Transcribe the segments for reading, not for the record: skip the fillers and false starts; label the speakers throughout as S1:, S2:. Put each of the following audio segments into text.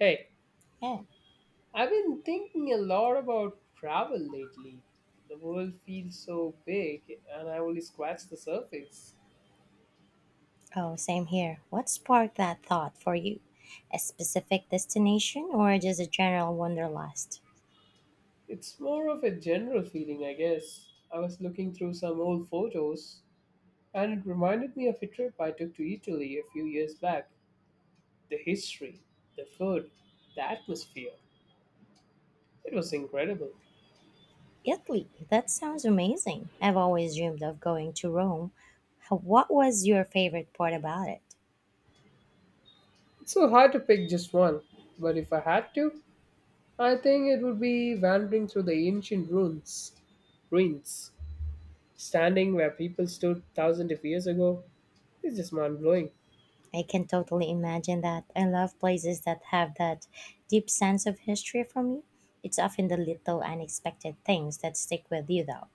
S1: Hey,
S2: Yeah.
S1: I've been thinking a lot about travel lately. The world feels so big, and I only scratched the surface.
S2: Oh, same here. What sparked that thought for you? A specific destination or just a general wanderlust?
S1: It's more of a general feeling, I guess. I was looking through some old photos, and it reminded me of a trip I took to Italy a few years back. The history, the food, the atmosphere. It was incredible.
S2: Italy. That sounds amazing. I've always dreamed of going to Rome. What was your favorite part about it?
S1: It's so hard to pick just one, but if I had to, I think it would be wandering through the ancient ruins. Ruins standing where people stood thousands of years ago is just mind blowing.
S2: I can totally imagine that. I love places that have that deep sense of history for me. It's often the little unexpected things that stick with you, though,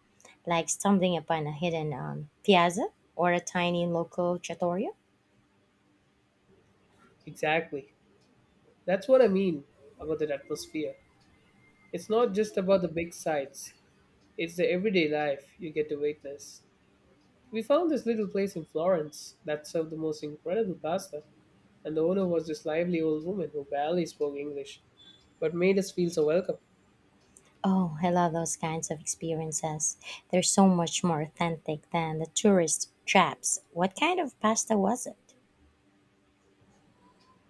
S2: like stumbling upon a hidden piazza or a tiny local trattoria.
S1: Exactly. That's what I mean about that atmosphere. It's not just about the big sights, it's the everyday life you get to witness. We found this little place in Florence that served the most incredible pasta, and the owner was this lively old woman who barely spoke English but made us feel so welcome.
S2: Oh, I love those kinds of experiences. They're so much more authentic than the tourist traps. What kind of pasta was it?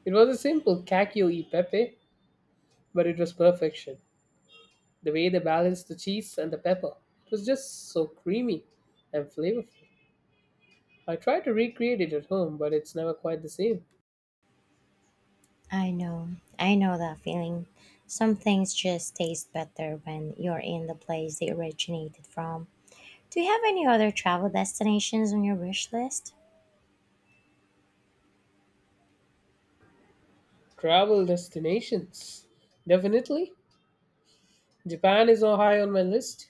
S1: It was a simple cacio e pepe, but it was perfection. The way they balanced the cheese and the pepper, it was just so creamy and flavorful. I try to recreate it at home, but it's never quite the same.
S2: I know, I know that feeling. Some things just taste better when you're in the place they originated from. Do you have any other travel destinations on your wish list?
S1: Travel destinations. Definitely. Japan is on high on my list.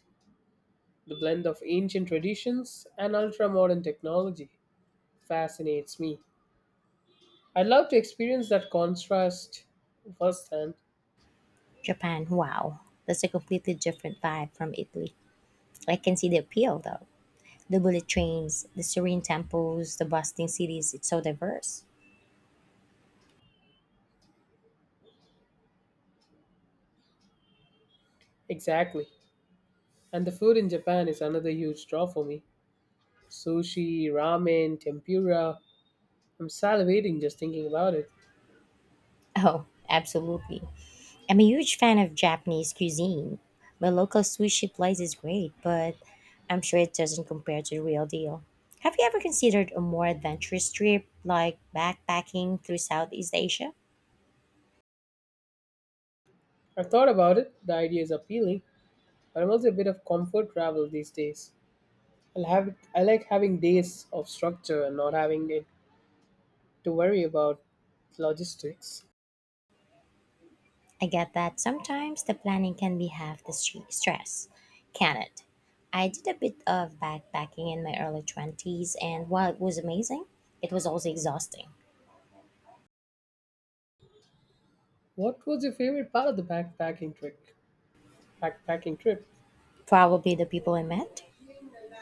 S1: The blend of ancient traditions and ultra modern technology fascinates me. I'd love to experience that contrast firsthand.
S2: Japan, wow. That's a completely different vibe from Italy. I can see the appeal though. The bullet trains, the serene temples, the bustling cities, it's so diverse.
S1: Exactly. And the food in Japan is another huge draw for me. Sushi, ramen, tempura. I'm salivating just thinking about it.
S2: Oh, absolutely. I'm a huge fan of Japanese cuisine. My local sushi place is great, but I'm sure it doesn't compare to the real deal. Have you ever considered a more adventurous trip, like backpacking through Southeast Asia?
S1: I've thought about it, the idea is appealing, but I'm also a bit of comfort travel these days. I'll have it, I like having days of structure and not having it to worry about logistics.
S2: I get that sometimes the planning can be half the stress, can it? I did a bit of backpacking in my early 20s, and while it was amazing, it was also exhausting.
S1: What was your favorite part of the backpacking trip? Backpacking trip.
S2: Probably the people I met.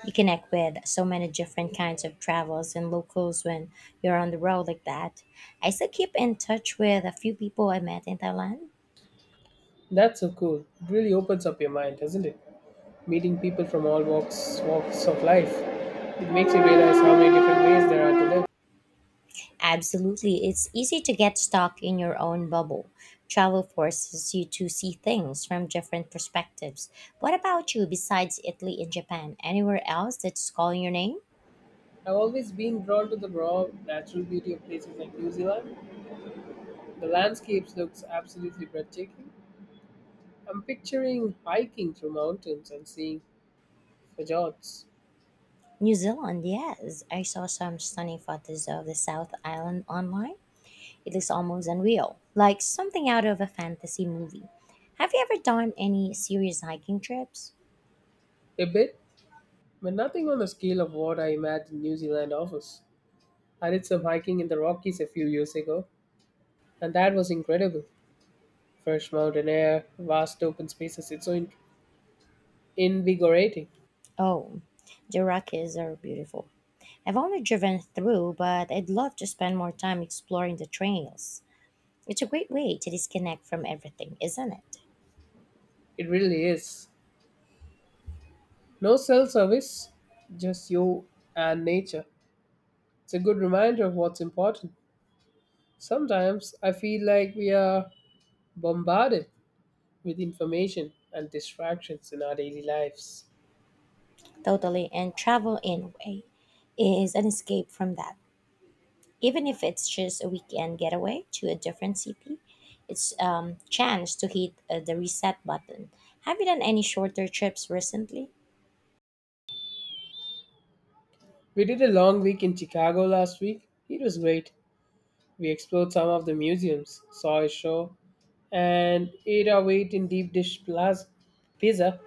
S2: You connect with so many different kinds of travels and locals when you're on the road like that. I still keep in touch with a few people I met in Thailand.
S1: That's so cool. It really opens up your mind, doesn't it? Meeting people from all walks of life. It makes you realize how many different ways there are to live.
S2: Absolutely, it's easy to get stuck in your own bubble. Travel forces you to see things from different perspectives. What about you besides Italy and Japan? Anywhere else that's calling your name?
S1: I've always been drawn to the raw, natural beauty of places like New Zealand. The landscapes looks absolutely breathtaking. I'm picturing hiking through mountains and seeing fjords.
S2: New Zealand, yes. I saw some stunning photos of the South Island online. It looks almost unreal, like something out of a fantasy movie. Have you ever done any serious hiking trips?
S1: A bit but nothing on the scale of what I imagined New Zealand offers. I did some hiking in the Rockies a few years ago, and that was incredible. Fresh mountain air, vast open spaces, invigorating.
S2: Oh, the Rockies are beautiful. I've only driven through, but I'd love to spend more time exploring the trails. It's a great way to disconnect from everything, isn't it?
S1: It really is. No cell service, just you and nature. It's a good reminder of what's important. Sometimes I feel like we are bombarded with information and distractions in our daily lives.
S2: Totally, and travel in a way is an escape from that. Even if it's just a weekend getaway to a different city, it's chance to hit the reset button. Have you done any shorter trips recently?
S1: We did a long week in Chicago last week. It was great. We explored some of the museums, saw a show, and ate our weight in pizza.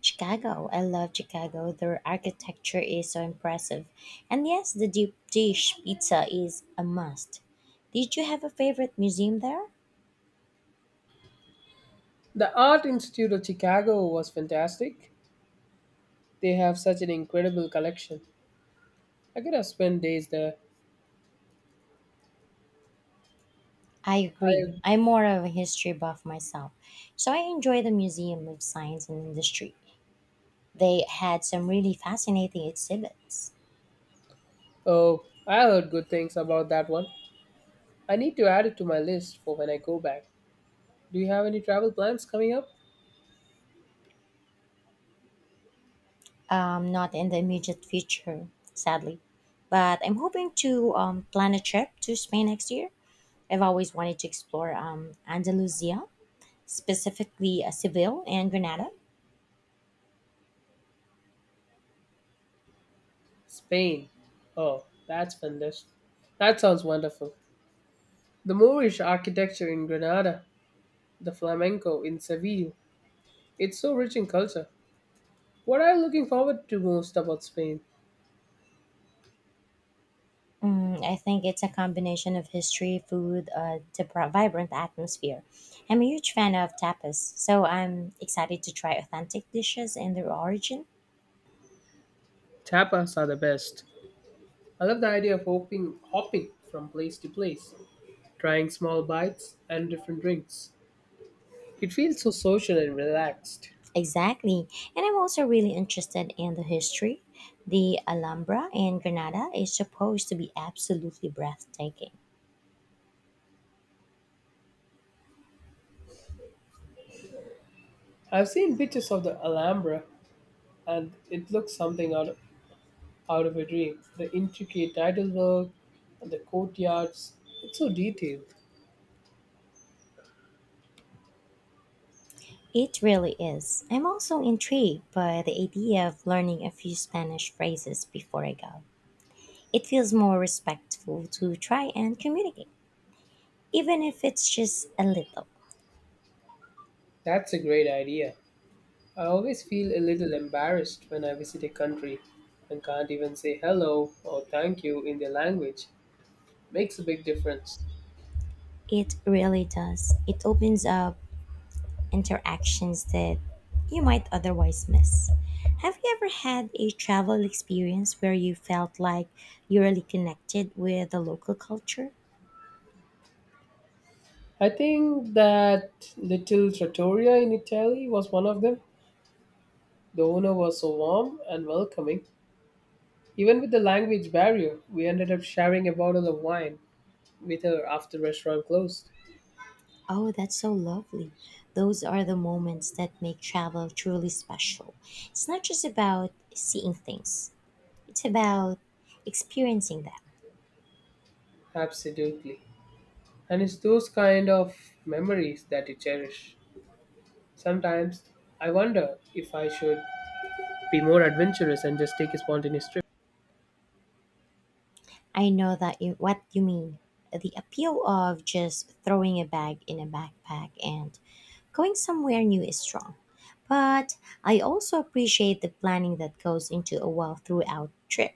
S2: Chicago, I love Chicago. Their architecture is so impressive, and yes, the deep dish pizza is a must. Did you have a favorite museum there?
S1: The Art Institute of Chicago was fantastic. They have such an incredible collection. I could have spent days there.
S2: I agree.
S1: I
S2: I'm more of a history buff myself, so I enjoy the Museum of Science and Industry. They had some really fascinating exhibits.
S1: oh, I heard good things about that one. I need to add it to my list for when I go back. Do you have any travel plans coming up?
S2: Not in the immediate future, sadly. But I'm hoping to plan a trip to Spain next year. I've always wanted to explore Andalusia, specifically Seville and Granada.
S1: Spain. Oh, that's fantastic. That sounds wonderful. The Moorish architecture in Granada, the flamenco in Seville, it's so rich in culture. What are you looking forward to most about Spain?
S2: I think it's a combination of history, food, the vibrant atmosphere. I'm a huge fan of tapas, so I'm excited to try authentic dishes and their origin.
S1: Tapas are the best. I love the idea of hopping from place to place, trying small bites and different drinks. It feels so social and relaxed.
S2: Exactly. And I'm also really interested in the history. The Alhambra in Granada is supposed to be absolutely breathtaking.
S1: I've seen pictures of the Alhambra and it looks out of a dream. The intricate title work and the courtyards, it's so detailed.
S2: It really is. I'm also intrigued by the idea of learning a few Spanish phrases before I go. It feels more respectful to try and communicate, even if it's just a little.
S1: That's a great idea. I always feel a little embarrassed when I visit a country and can't even say hello or thank you in their language. Makes a big difference.
S2: It really does. It opens up interactions that you might otherwise miss. Have you ever had a travel experience where you felt like you really connected with the local culture?
S1: I think that little trattoria in Italy was one of them. The owner was so warm and welcoming. Even with the language barrier, we ended up sharing a bottle of wine with her after restaurant closed.
S2: Oh, that's so lovely. Those are the moments that make travel truly special. It's not just about seeing things, it's about experiencing them.
S1: Absolutely. And it's those kind of memories that you cherish. Sometimes I wonder if I should be more adventurous and just take a spontaneous trip.
S2: I know that you what you mean. The appeal of just throwing a bag in a backpack and going somewhere new is strong. But I also appreciate the planning that goes into a well throughout trip.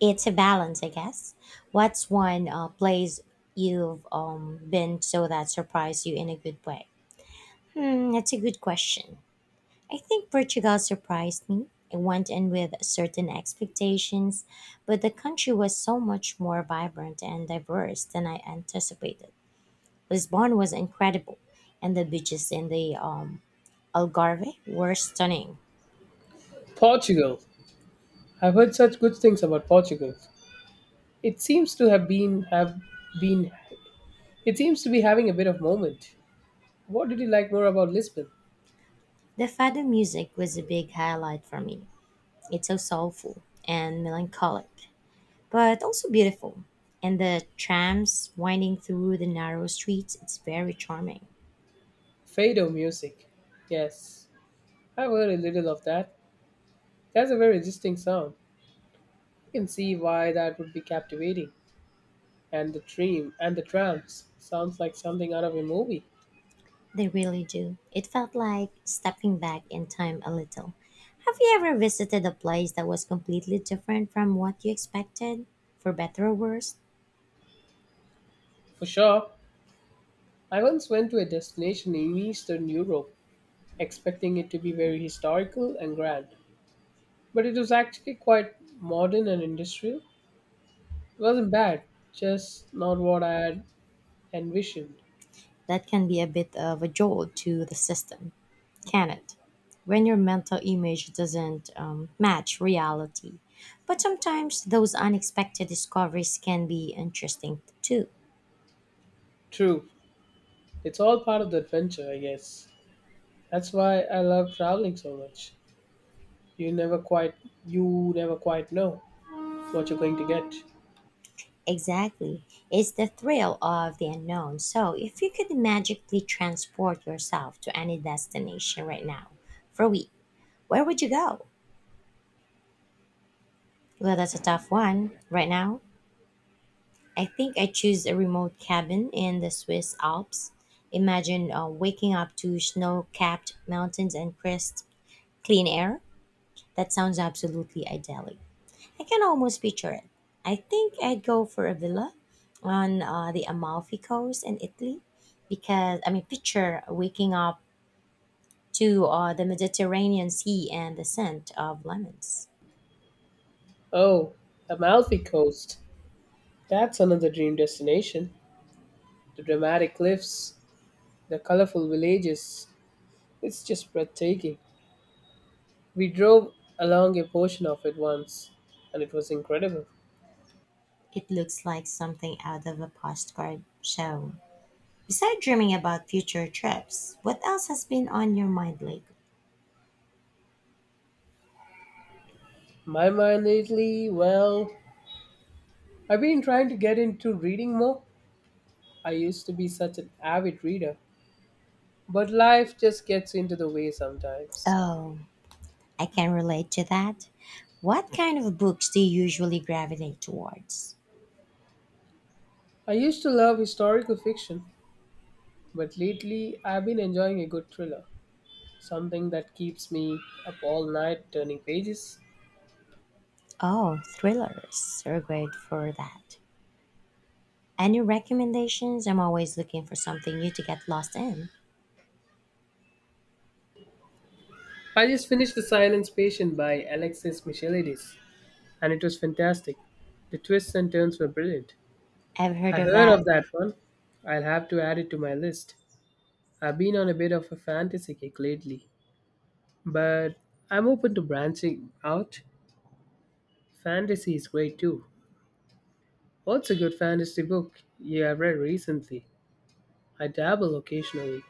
S2: It's a balance, I guess. What's one place you've been so that surprised you in a good way? Hmm, that's a good question. I think Portugal surprised me. I went in with certain expectations, but the country was so much more vibrant and diverse than I anticipated. Lisbon was incredible, and the beaches in the Algarve were stunning.
S1: Portugal. I've heard such good things about Portugal. It seems to have been it seems to be having a bit of moment. What did you like more about Lisbon?
S2: The fado music was a big highlight for me. It's so soulful and melancholic, but also beautiful. And the trams winding through the narrow streets, it's very charming.
S1: Fado music. Yes. I've heard a little of that. That's a very distinct sound. I can see why that would be captivating. And the dream and the trams sounds like something out of a movie.
S2: They really do. It felt like stepping back in time a little. Have you ever visited a place that was completely different from what you expected, for better or worse?
S1: For sure. I once went to a destination in Eastern Europe expecting it to be very historical and grand. But it was actually quite modern and industrial. It wasn't bad, just not what I had envisioned.
S2: That can be a bit of a jolt to the system, can it? When your mental image doesn't match reality. But sometimes those unexpected discoveries can be interesting too.
S1: True, it's all part of the adventure, I guess. That's why I love traveling so much. You never quite you never quite know what you're going to get.
S2: Exactly. It's the thrill of the unknown. So, if you could magically transport yourself to any destination right now for a week, where would you go? Well, that's a tough one. Right now, I think I choose a remote cabin in the Swiss Alps. Imagine waking up to snow capped mountains and crisp, clean air. That sounds absolutely idyllic. I can almost picture it. I think I'd go for a villa on the Amalfi Coast in Italy because, I mean, picture waking up to the Mediterranean Sea and the scent of lemons.
S1: Oh, Amalfi Coast. That's another dream destination. The dramatic cliffs, the colorful villages. It's just breathtaking. We drove along a portion of it once, and it was incredible.
S2: It looks like something out of a postcard show. Besides dreaming about future trips, what else has been on your mind lately?
S1: My mind lately, well, I've been trying to get into reading more. I used to be such an avid reader, but life just gets into the way sometimes.
S2: Oh, I can relate to that. What kind of books do you usually gravitate towards?
S1: I used to love historical fiction, but lately I've been enjoying a good thriller, something that keeps me up all night turning pages.
S2: Oh, thrillers are great for that. Any recommendations? I'm always looking for something new to get lost in.
S1: I just finished The Silence Patient by Alexis Michelides, and it was fantastic. The twists and turns were brilliant.
S2: I've heard
S1: I
S2: of
S1: heard
S2: that.
S1: of that one. I'll have to add it to my list. I've been on a bit of a fantasy kick lately, but I'm open to branching out. Fantasy is great too. What's a good fantasy book you have read recently? I dabble occasionally.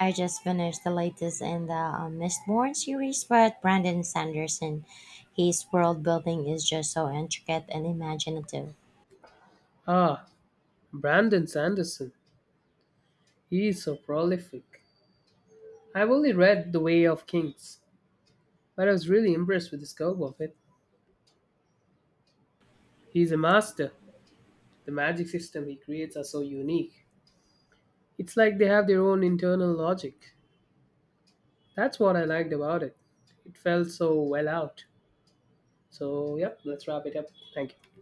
S2: I just finished the latest in the Mistborn series, but Brandon Sanderson, his world building is just so intricate and imaginative.
S1: Ah, Brandon Sanderson. He is so prolific. I've only read The Way of Kings, but I was really impressed with the scope of it. He's a master. The magic system he creates are so unique. It's like they have their own internal logic. That's what I liked about it. It felt so well out. So, yep, let's wrap it up. Thank you.